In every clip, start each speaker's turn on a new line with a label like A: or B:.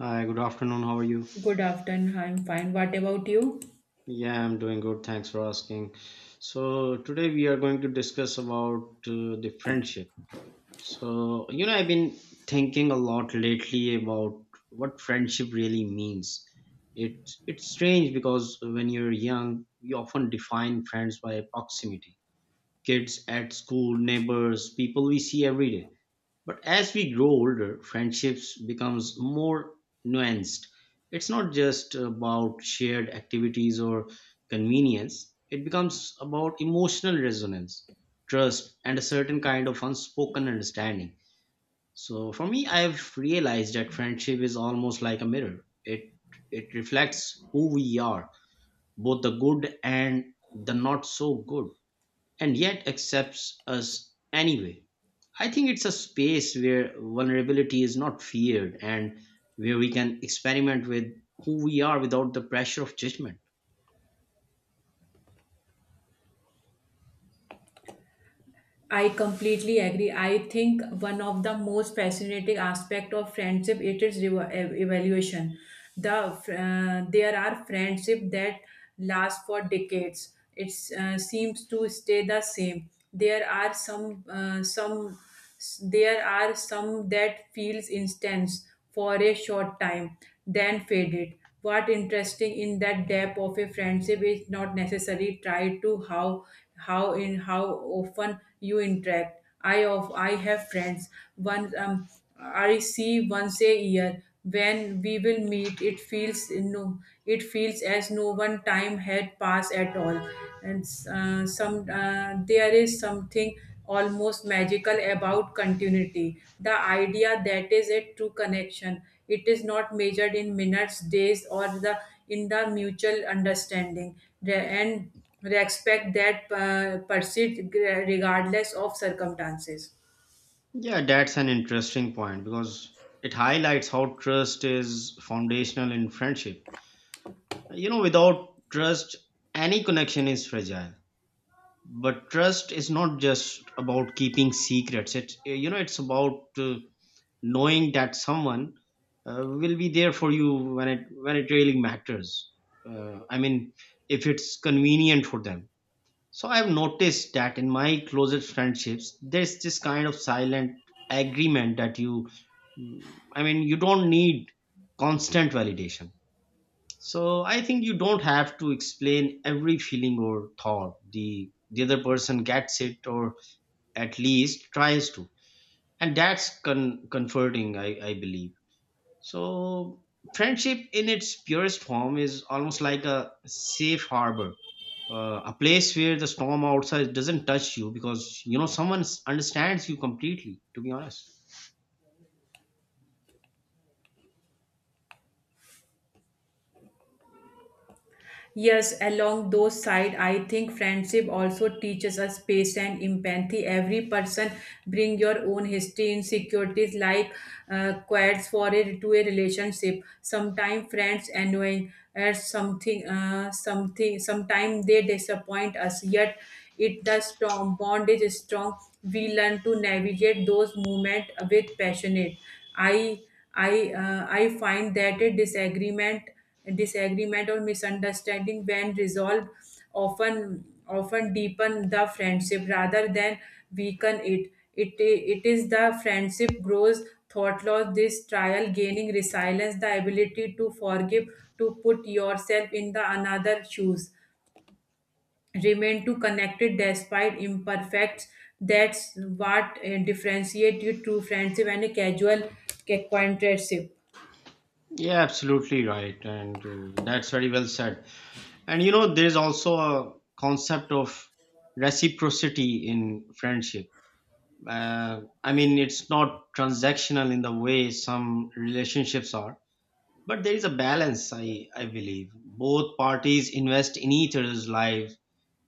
A: Hi, good afternoon. How are you?
B: Good afternoon. I'm fine. What about you?
A: Yeah, I'm doing good. Thanks for asking. So today we are going to discuss about the friendship. So, I've been thinking a lot lately about what friendship really means. It's strange because when you're young, we often define friends by proximity. Kids at school, neighbors, people we see every day. But as we grow older, friendships becomes more nuanced. It's not just about shared activities or convenience. It becomes about emotional resonance, trust, and a certain kind of unspoken understanding. So for me, I've realized that friendship is almost like a mirror. It reflects who we are, both the good and the not so good, and yet accepts us anyway. I think it's a space where vulnerability is not feared and where we can experiment with who we are without the pressure of judgment.
B: I completely agree. I think one of the most fascinating aspect of friendship it is evaluation. The there are friendship that last for decades. It seems to stay the same. There are There are some that feels intense for a short time, then faded. What interesting in that depth of a friendship is not necessarily tied to how often you interact. I have friends once I see once a year when we will meet it feels as no one time had passed at all and some there is something almost magical about continuity, the idea that is a true connection, it is not measured in minutes, days, or the mutual understanding The- and respect that persists regardless of circumstances.
A: Yeah, that's an interesting point because it highlights how trust is foundational in friendship. Without trust, any connection is fragile. But trust is not just about keeping secrets. It's about knowing that someone will be there for you when it really matters, I mean, if it's convenient for them. So I've noticed that in my closest friendships there's this kind of silent agreement that mm, I mean, you don't need constant validation. So I think you don't have to explain every feeling or thought, the other person gets it, or at least tries to, and that's comforting, I believe. So, friendship in its purest form is almost like a safe harbor, a place where the storm outside doesn't touch you because someone understands you completely, to be honest.
B: Yes, along those side, I think friendship also teaches us patience and empathy. Every person bring your own history, insecurities, like quads for it to a relationship. Sometimes friends annoying or something, something. Sometimes they disappoint us. Yet it the strong bond is strong. We learn to navigate those moments with passionate. I I find that a disagreement or misunderstanding, when resolved, often deepen the friendship rather than weaken it. Is the friendship grows thought loss this trial, gaining resilience, the ability to forgive, to put yourself in the another shoes, remain to connected despite imperfect. That's what differentiate you to friendship and a casual acquaintanceship.
A: Yeah, absolutely right. And that's very well said. And there's also a concept of reciprocity in friendship. I mean, it's not transactional in the way some relationships are. But there is a balance, I believe. Both parties invest in each other's lives,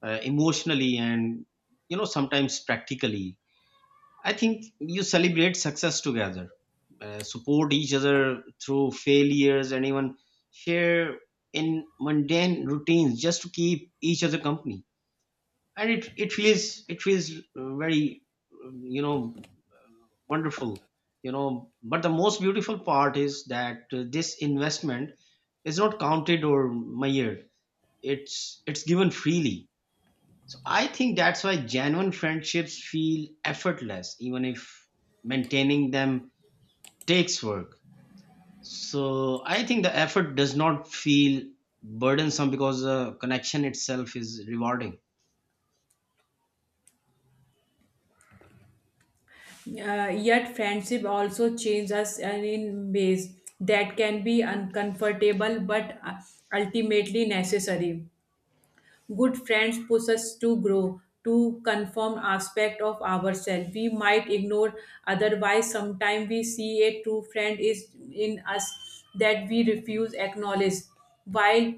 A: emotionally and, sometimes practically. I think you celebrate success together, support each other through failures, and even share in mundane routines just to keep each other company, and it feels very wonderful. But the most beautiful part is that this investment is not counted or measured. It's given freely. So I think that's why genuine friendships feel effortless, even if maintaining them takes work. So I think the effort does not feel burdensome because the connection itself is rewarding.
B: Yet friendship also changes us, and in ways that can be uncomfortable but ultimately necessary. Good friends push us to grow, to conform aspect of ourselves we might ignore otherwise. Sometimes we see a true friend is in us that we refuse acknowledge. While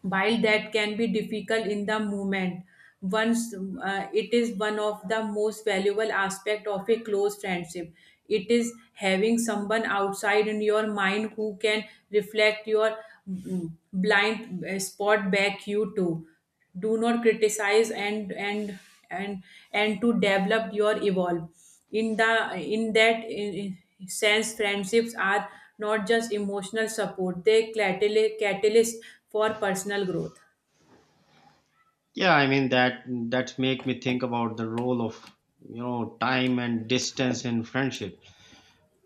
B: while that can be difficult in the moment, once it is one of the most valuable aspect of a close friendship, it is having someone outside in your mind who can reflect your blind spot back you to do not criticize and and to develop your evolve in the in that in sense friendships are not just emotional support, they catalyst for personal growth.
A: Yeah, I mean, that make me think about the role of time and distance in friendship.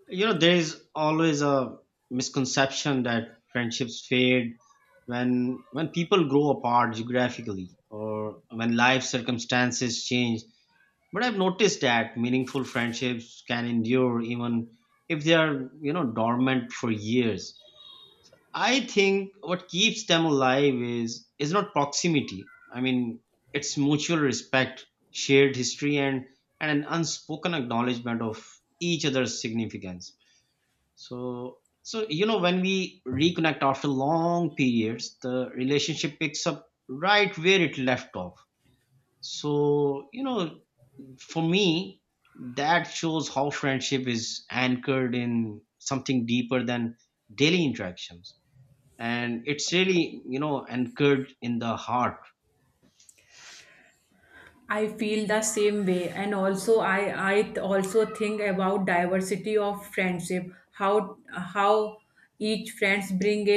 A: There is always a misconception that friendships fade when people grow apart geographically or when life circumstances change. But I've noticed that meaningful friendships can endure, even if they are dormant for years. I think what keeps them alive is not proximity. I mean, it's mutual respect, shared history, and an unspoken acknowledgement of each other's significance. So when we reconnect after long periods, the relationship picks up right where it left off. So, for me, that shows how friendship is anchored in something deeper than daily interactions, and it's really anchored in the heart.
B: I feel the same way, and also I also think about diversity of friendship. How each friends bring a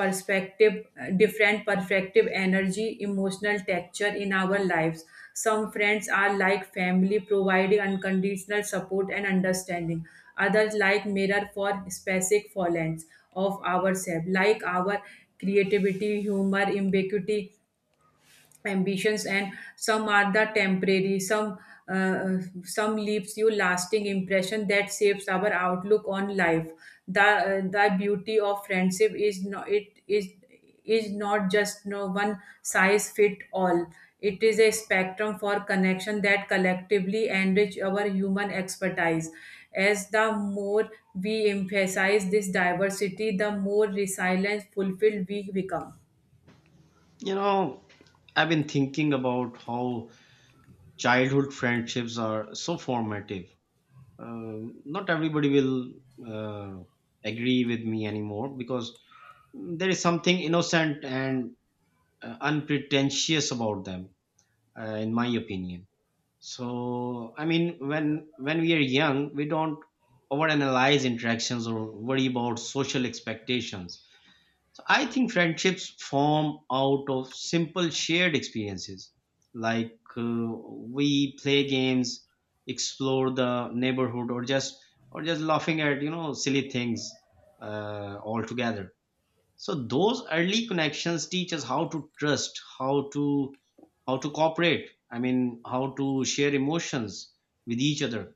B: perspective, different perspective, energy, emotional texture in our lives. Some friends are like family, providing unconditional support and understanding. Others like mirror for specific fallings of ourselves, like our creativity, humor, ambiguity, ambitions and some are the temporary, uh, uh, some leaves you lasting impression that shapes our outlook on life. The beauty of friendship is not it is not just no one size fit all, it is a spectrum for connection that collectively enrich our human expertise. As the more we emphasize this diversity, the more resilient fulfilled we become.
A: you know I've been thinking about how childhood friendships are so formative. Um not everybody will uh, agree with me anymore, because there is something innocent and unpretentious about them, in my opinion. So I mean, when we are young we don't overanalyze interactions or worry about social expectations. So I think friendships form out of simple shared experiences, like, we play games, explore the neighborhood, or just laughing at silly things, all together. So those early connections teach us how to trust, how to cooperate, I mean, how to share emotions with each other.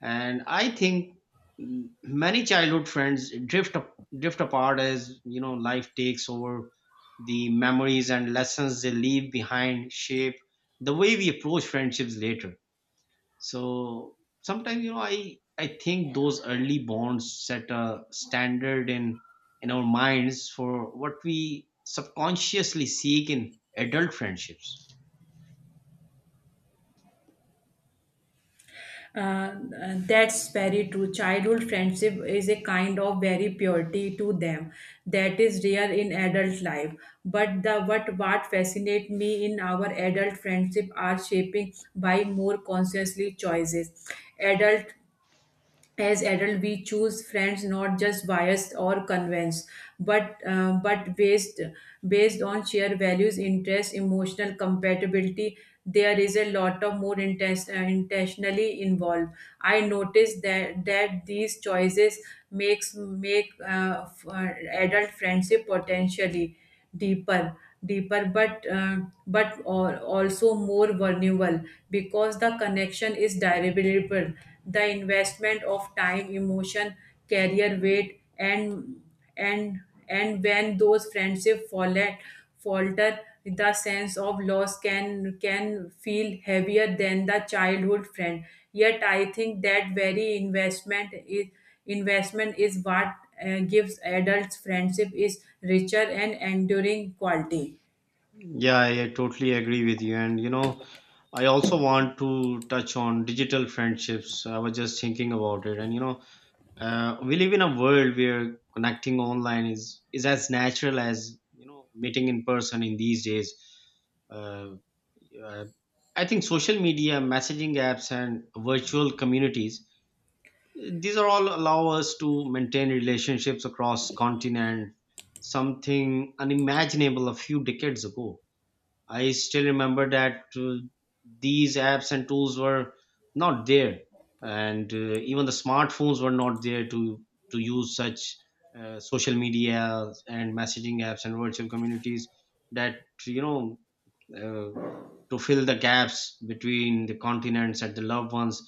A: And I think, many childhood friends drift apart. As life takes over, the memories and lessons they leave behind shape the way we approach friendships later. So sometimes I think those early bonds set a standard in our minds for what we subconsciously seek in adult friendships.
B: Uh, that's very true. Childhood friendship is a kind of very purity to them that is rare in adult life. But the what fascinates me in our adult friendship are shaping by more consciously choices. Adult adult, we choose friends not just biased or convinced but based based on shared values, interests, emotional compatibility. There is a lot of more intense, intentionally involved. I noticed that these choices make adult friendship potentially deeper deeper but also more vulnerable because the connection is durable, the investment of time emotion career weight, and and when those friendships fall falter, the sense of loss can feel heavier than the childhood friend. Yet I think that very investment is what gives adults friendship is richer and enduring quality.
A: Yeah, I totally agree with you. And I also want to touch on digital friendships. I was just thinking about it, and we live in a world where connecting online is as natural as meeting in person in these days. Uh, uh, I think social media, messaging apps, and virtual communities, these are all allow us to maintain relationships across continent, something unimaginable a few decades ago. I still remember that these apps and tools were not there, and even the smartphones were not there to use such social media and messaging apps and virtual communities, that you know uh, to fill the gaps between the continents and the loved ones.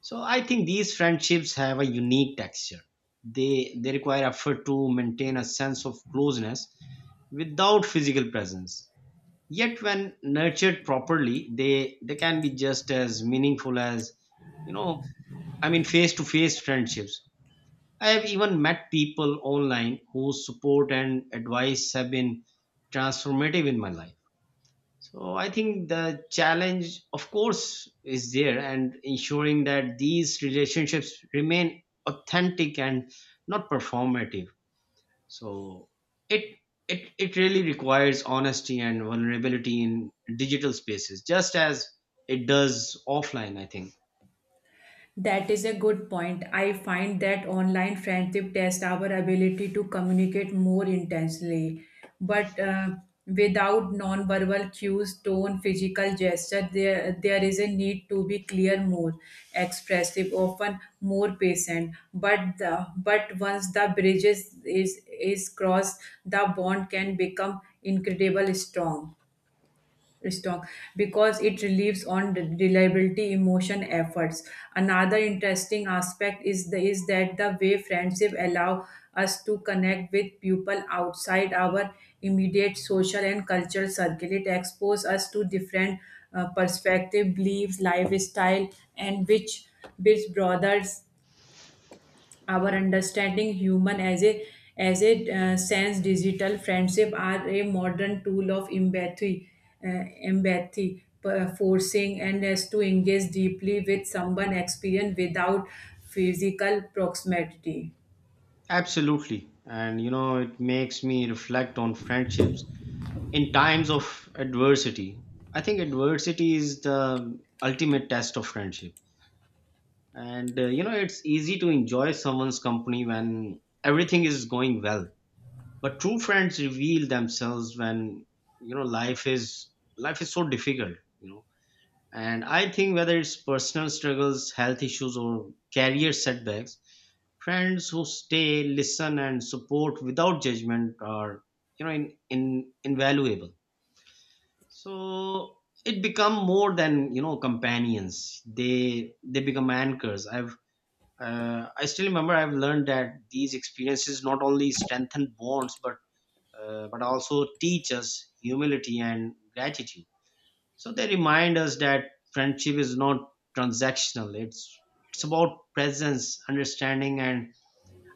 A: So I think these friendships have a unique texture. They require effort to maintain a sense of closeness without physical presence. Yet when nurtured properly, they can be just as meaningful as, you know, I mean, face to face friendships. I have even met people online whose support and advice have been transformative in my life. So I think the challenge, of course, is there and ensuring that these relationships remain authentic and not performative. So it it really requires honesty and vulnerability in digital spaces, just as it does offline, I think.
B: That is a good point. I find that online friendship tests our ability to communicate more intensely. But without non-verbal cues, tone, physical gesture, there is a need to be clear, more expressive, often more patient. But once the bridge is crossed, the bond can become incredible strong because it relieves on reliability emotion efforts. Another interesting aspect is the is that the way friendship allow us to connect with people outside our immediate social and cultural circle. It exposes us to different perspective, beliefs, lifestyle, and which brothers our understanding human as a sense digital friendship are a modern tool of empathy, forcing and as to engage deeply with someone experience without physical proximity.
A: Absolutely. And it makes me reflect on friendships in times of adversity. I think adversity is the ultimate test of friendship. And it's easy to enjoy someone's company when everything is going well. But true friends reveal themselves when you know life is life is so difficult. you know and I think, whether it's personal struggles, health issues, or career setbacks, friends who stay, listen, and support without judgment are in invaluable. So it become more than companions. They become anchors. I still remember, I've learned that these experiences not only strengthen bonds but also teach us humility and gratitude. So they remind us that friendship is not transactional. It's about presence, understanding, and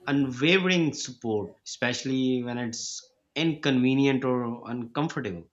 A: unwavering support, especially when it's inconvenient or uncomfortable.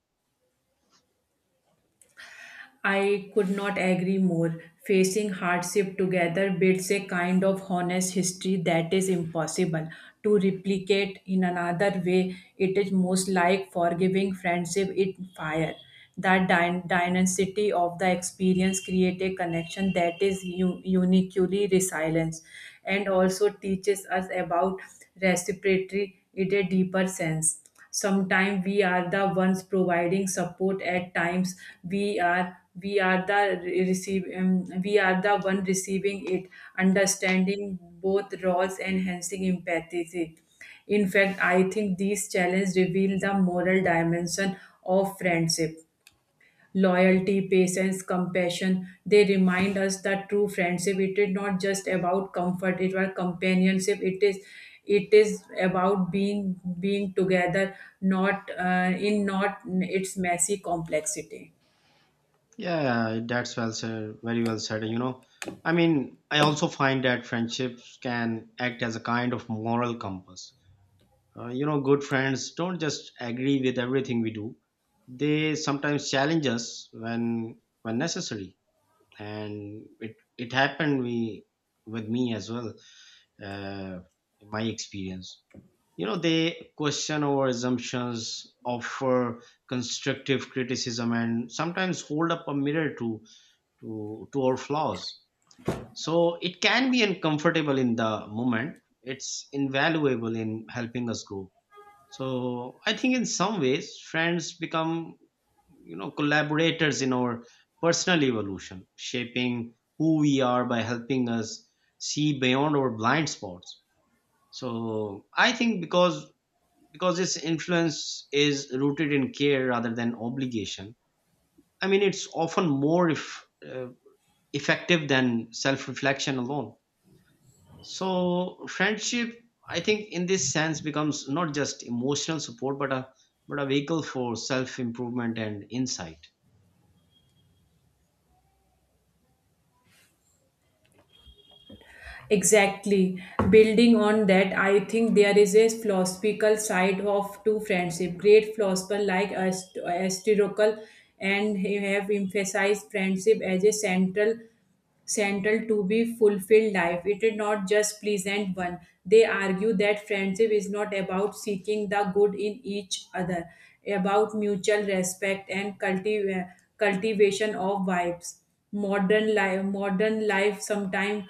B: I could not agree more. Facing hardship together builds a kind of honest history that is impossible to replicate in another way. It is most like forgiving friendship in fire. That dynasty of the experience create a connection that is uniquely resilience, and also teaches us about reciprocity in a deeper sense. Sometimes we are the ones providing support, at times we are we are the re- receive we are the one receiving it. Understanding both roles enhancing empathy. In fact, I think these challenges reveal the moral dimension of friendship: loyalty, patience, compassion. They remind us that true friendship it is not just about comfort, it was companionship. It is about being together, not in not its messy complexity.
A: Yeah, that's well said. Very well said. I mean, I also find that friendships can act as a kind of moral compass. Good friends don't just agree with everything we do. They sometimes challenge us when necessary, and it happened, we with me as well. Uh, in my experience, they question our assumptions, offer constructive criticism, and sometimes hold up a mirror to our flaws. So it can be uncomfortable in the moment. It's invaluable in helping us grow. So I think in some ways, friends become, collaborators in our personal evolution, shaping who we are by helping us see beyond our blind spots. So I think because this influence is rooted in care rather than obligation. I mean, it's often more if, effective than self-reflection alone. So friendship, I think, in this sense, becomes not just emotional support, but a vehicle for self improvement and insight.
B: Exactly. Building on that, I think there is a philosophical side of to friendship. Great philosophers like Aristotle and he have emphasized friendship as a central to be fulfilled life. It is not just pleasant one. They argue that friendship is not about seeking the good in each other, about mutual respect and cultivation of vibes. Modern life sometimes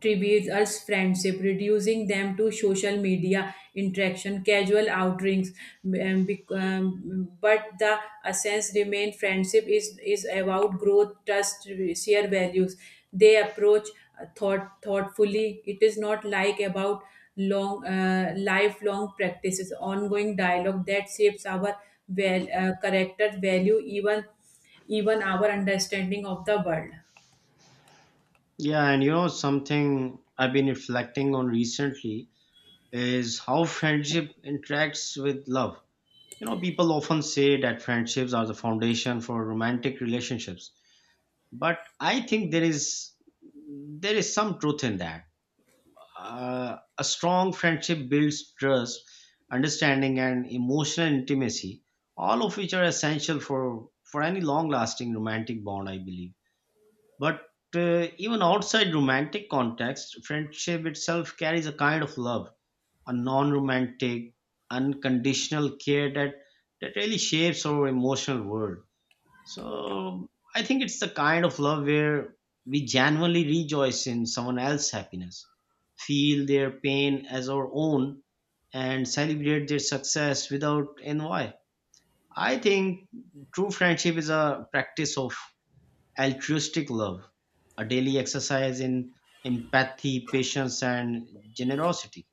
B: tributes as friendship, reducing them to social media interaction, casual outings. But the essence remain friendship is about growth, trust, shared values. They approach thoughtfully. It is not like about long lifelong practices, ongoing dialogue that shapes our character, value, even our understanding of the world.
A: Yeah, and something I've been reflecting on recently is how friendship interacts with love. People often say that friendships are the foundation for romantic relationships, but I think there is some truth in that. A strong friendship builds trust, understanding, and emotional intimacy, all of which are essential for any long lasting romantic bond, I believe. But even outside romantic context, friendship itself carries a kind of love, a non romantic, unconditional care that that really shapes our emotional world. So I think it's the kind of love where we genuinely rejoice in someone else's happiness, feel their pain as our own, and celebrate their success without envy. I think true friendship is a practice of altruistic love, a daily exercise in empathy, patience, and generosity.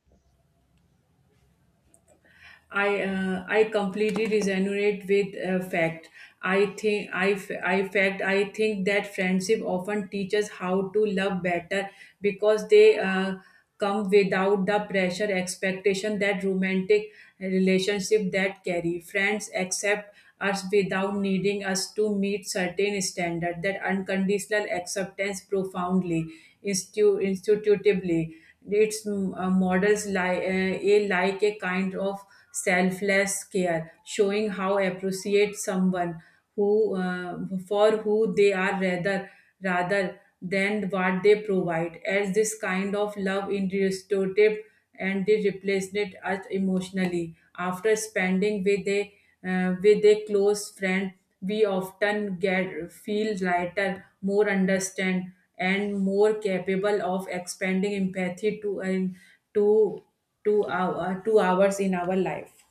B: I completely resonate with fact. I think I, f- I fact I think that friendship often teaches how to love better because they come without the pressure expectation that romantic relationship that carry. Friends accept us without needing us to meet certain standard. That unconditional acceptance profoundly institutively its models li- a like a kind of selfless care, showing how appreciate someone who for who they are rather than what they provide. As this kind of love in restorative, and they replaced it us emotionally. After spending with a close friend, we often get feel lighter, more understand and more capable of expanding empathy to an to to our 2 hours in our life.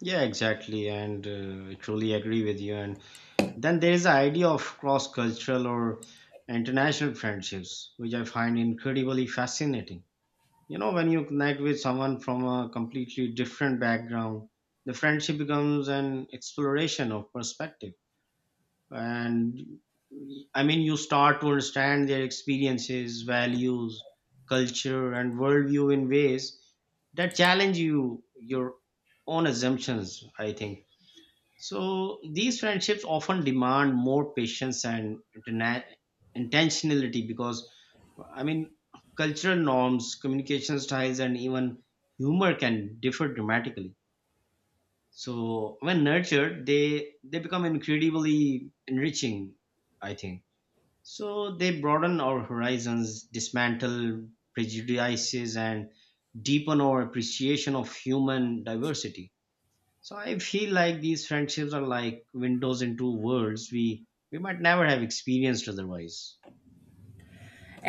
A: Yeah, exactly. And I truly agree with you. And then there is the idea of cross cultural or international friendships, which I find incredibly fascinating. When you connect with someone from a completely different background, the friendship becomes an exploration of perspective. And I mean, you start to understand their experiences, values, culture, and worldview in ways that challenge you, your own assumptions, I think. So these friendships often demand more patience and intentionality because, I mean, cultural norms, communication styles, and even humor can differ dramatically. So when nurtured, they become incredibly enriching. I think so. They broaden our horizons, dismantle prejudices, and deepen our appreciation of human diversity. So I feel like these friendships are like windows into worlds we might never have experienced otherwise.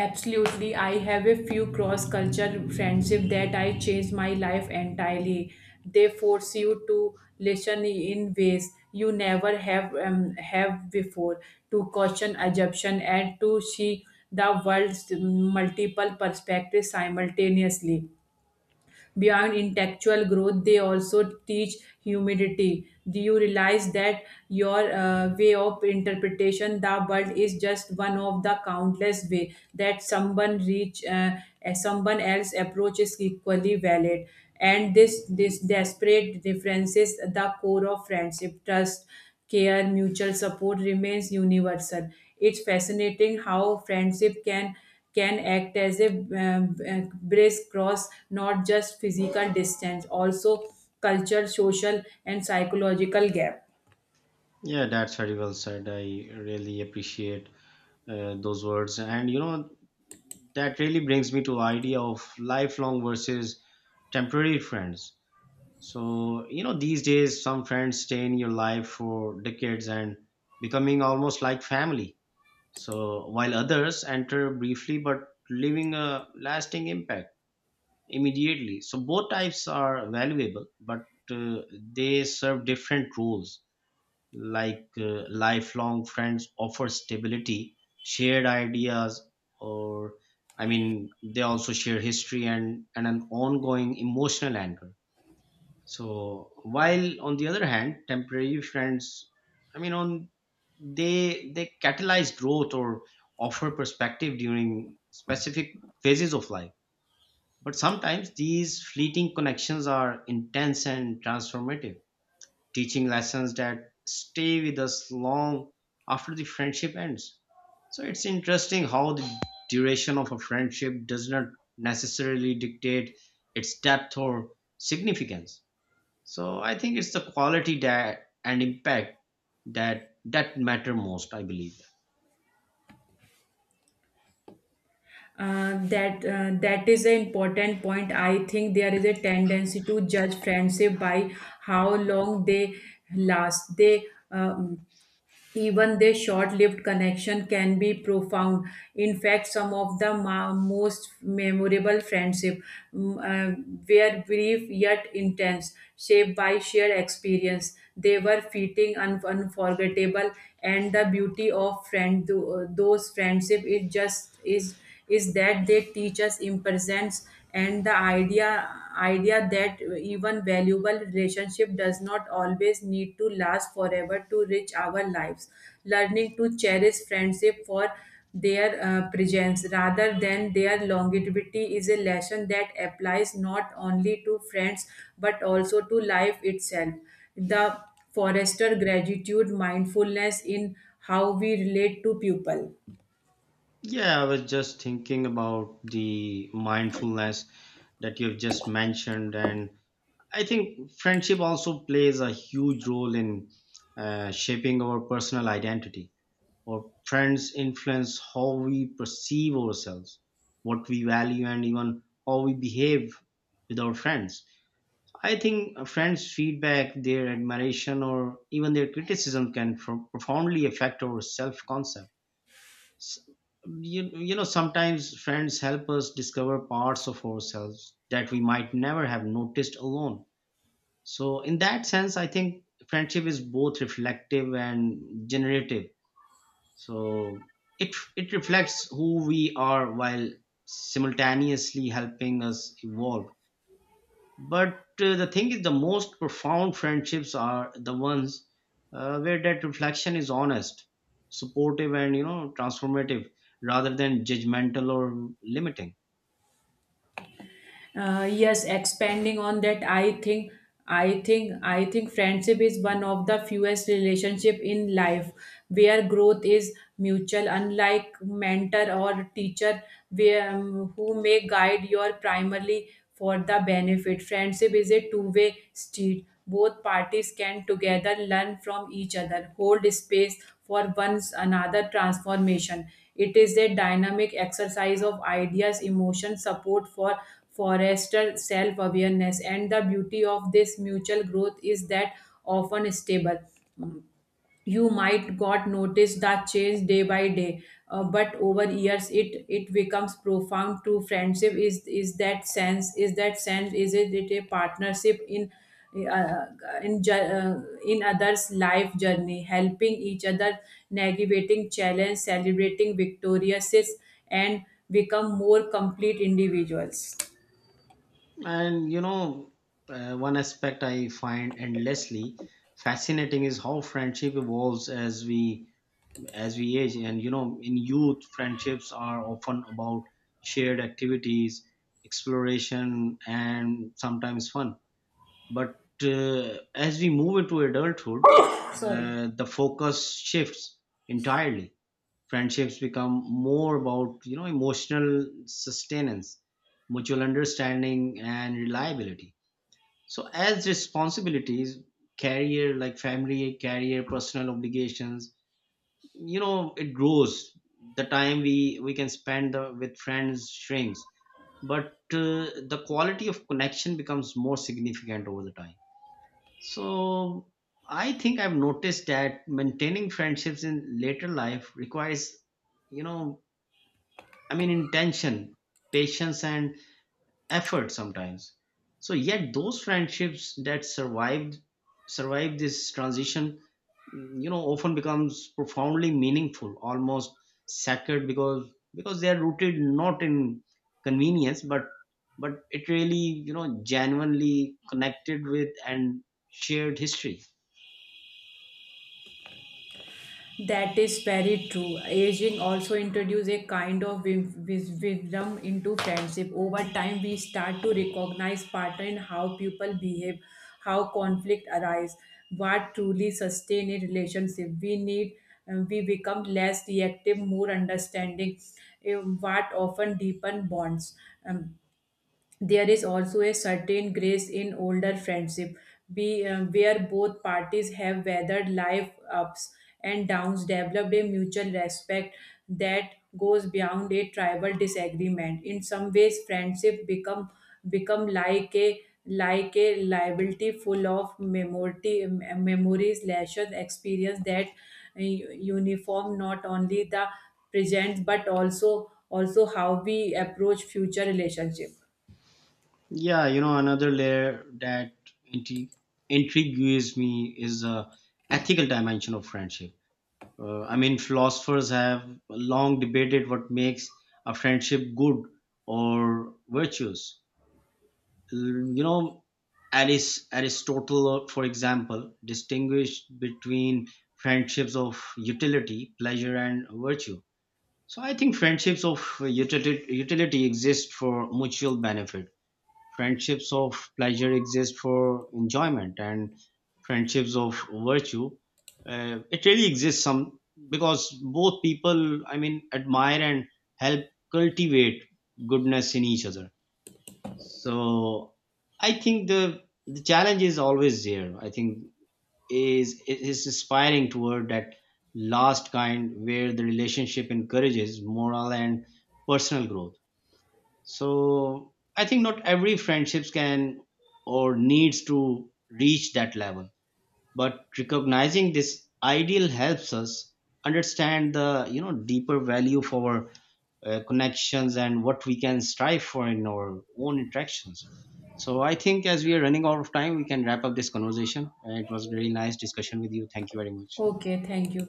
B: Absolutely. I have a few cross culture friendship that I changed my life entirely. They force you to listen in ways you never have before, to question assumption and to see the world's multiple perspectives simultaneously. Beyond intellectual growth, they also teach humility. Do you realize that your way of interpretation the world is just one of the countless way that someone reach someone else approach is equally valid, and this desperate differences, the core of friendship, trust, care, mutual support remains universal. It's fascinating how friendship can act as a brace cross, not just physical distance, also culture, social, and psychological gap.
A: Yeah, that's very well said. I really appreciate those words, and you know that really brings me to idea of lifelong versus temporary friends. So you know these days some friends stay in your life for decades and becoming almost like family. So while others enter briefly but leaving a lasting impact. Immediately so both types are valuable but uh, they serve different roles like lifelong friends offer stability, shared ideas, or they also share history and, an ongoing emotional anchor. So while on the other hand temporary friends, I mean on they catalyze growth or offer perspective during specific phases of life, but sometimes these fleeting connections are intense and transformative, teaching lessons that stay with us long after the friendship ends. So it's interesting how the duration of a friendship does not necessarily dictate its depth or significance. So I think it's the quality that and impact that matter most, I believe.
B: That is an important point. I think there is a tendency to judge friendship by how long they last. They Even their short lived connection can be profound. In fact, some of the most memorable friendships were brief yet intense, shaped by shared experience. They were fitting and unforgettable, and the beauty of those friendship is just is that they teach us impatience, and the idea that even valuable relationship does not always need to last forever to reach our lives. Learning to cherish friendship for their presence rather than their longevity is a lesson that applies not only to friends but also to life itself, the forester gratitude mindfulness in how we relate to people.
A: Yeah, I was just thinking about the mindfulness that you've just mentioned, and I think friendship also plays a huge role in shaping our personal identity. Our friends influence how we perceive ourselves, what we value, and even how we behave with our friends. I think a friends' feedback, their admiration, or even their criticism can profoundly affect our self concept. You know, sometimes friends help us discover parts of ourselves that we might never have noticed alone, so in that sense, I think friendship is both reflective and generative. So it reflects who we are while simultaneously helping us evolve. But the thing is, the most profound friendships are the ones where that reflection is honest, supportive, and you know transformative, rather than judgmental or limiting.
B: Yes, Expanding on that, I think friendship is one of the fewest relationship in life where growth is mutual. Unlike mentor or teacher, where who may guide your primarily for the benefit, friendship is a two-way street. Both parties can together learn from each other, hold space for one's another transformation. It is a dynamic exercise of ideas, emotion, support for Forester self awareness. And the beauty of this mutual growth is that often stable. You might got notice the change day by day, but over years it it becomes profound to friendship. Is that sense? Is it a partnership in uh, in others' life journey, helping each other, navigating challenge, celebrating victoriouses, and become more complete individuals.
A: And you know, one aspect I find endlessly fascinating is how friendship evolves as we age. And you know, in youth, friendships are often about shared activities, exploration, and sometimes fun. But as we move into adulthood,
B: Sorry.
A: the focus shifts entirely. Friendships become more about you know emotional sustenance, mutual understanding, and reliability. So as responsibilities, career, like family, career, personal obligations, you know, it grows. The time we can spend with friends shrinks, but the quality of connection becomes more significant over the time. So I think I've noticed that maintaining friendships in later life requires, you know, I mean, intention, patience, and effort sometimes. So yet those friendships that survived this transition you know often becomes profoundly meaningful, almost sacred, because they are rooted not in convenience but it really you know genuinely connected with and shared history.
B: That is very true. Aging also introduces a kind of wisdom into friendship. Over time, we start to recognize pattern in how people behave, how conflict arise, what truly sustain a relationship. We become less reactive, more understanding, eh, what often deepen bonds. Um, there is also a certain grace in older friendship where both parties have weathered life ups and downs, developed a mutual respect that goes beyond a tribal disagreement. In some ways friendship become like a liability full of memories lashes experience that uniform not only the present but also how we approach future relationship.
A: Yeah, you know, another layer that intrigue intrigues me is the ethical dimension of friendship. I mean, philosophers have long debated what makes a friendship good or virtuous. You know, Aristotle, for example, distinguished between friendships of utility, pleasure, and virtue. So I think friendships of utility, exist for mutual benefit. Friendships of pleasure exist for enjoyment, and friendships of virtue it really exists some because both people admire and help cultivate goodness in each other. So I think the challenge is always there, I think, is aspiring toward that last kind where the relationship encourages moral and personal growth. So I think not every friendships can or needs to reach that level, but recognizing this ideal helps us understand the you know deeper value for our connections and what we can strive for in our own interactions. So I think as we are running out of time, we can wrap up this conversation. It was really nice discussion with you. Thank you very much.
B: Okay, thank you.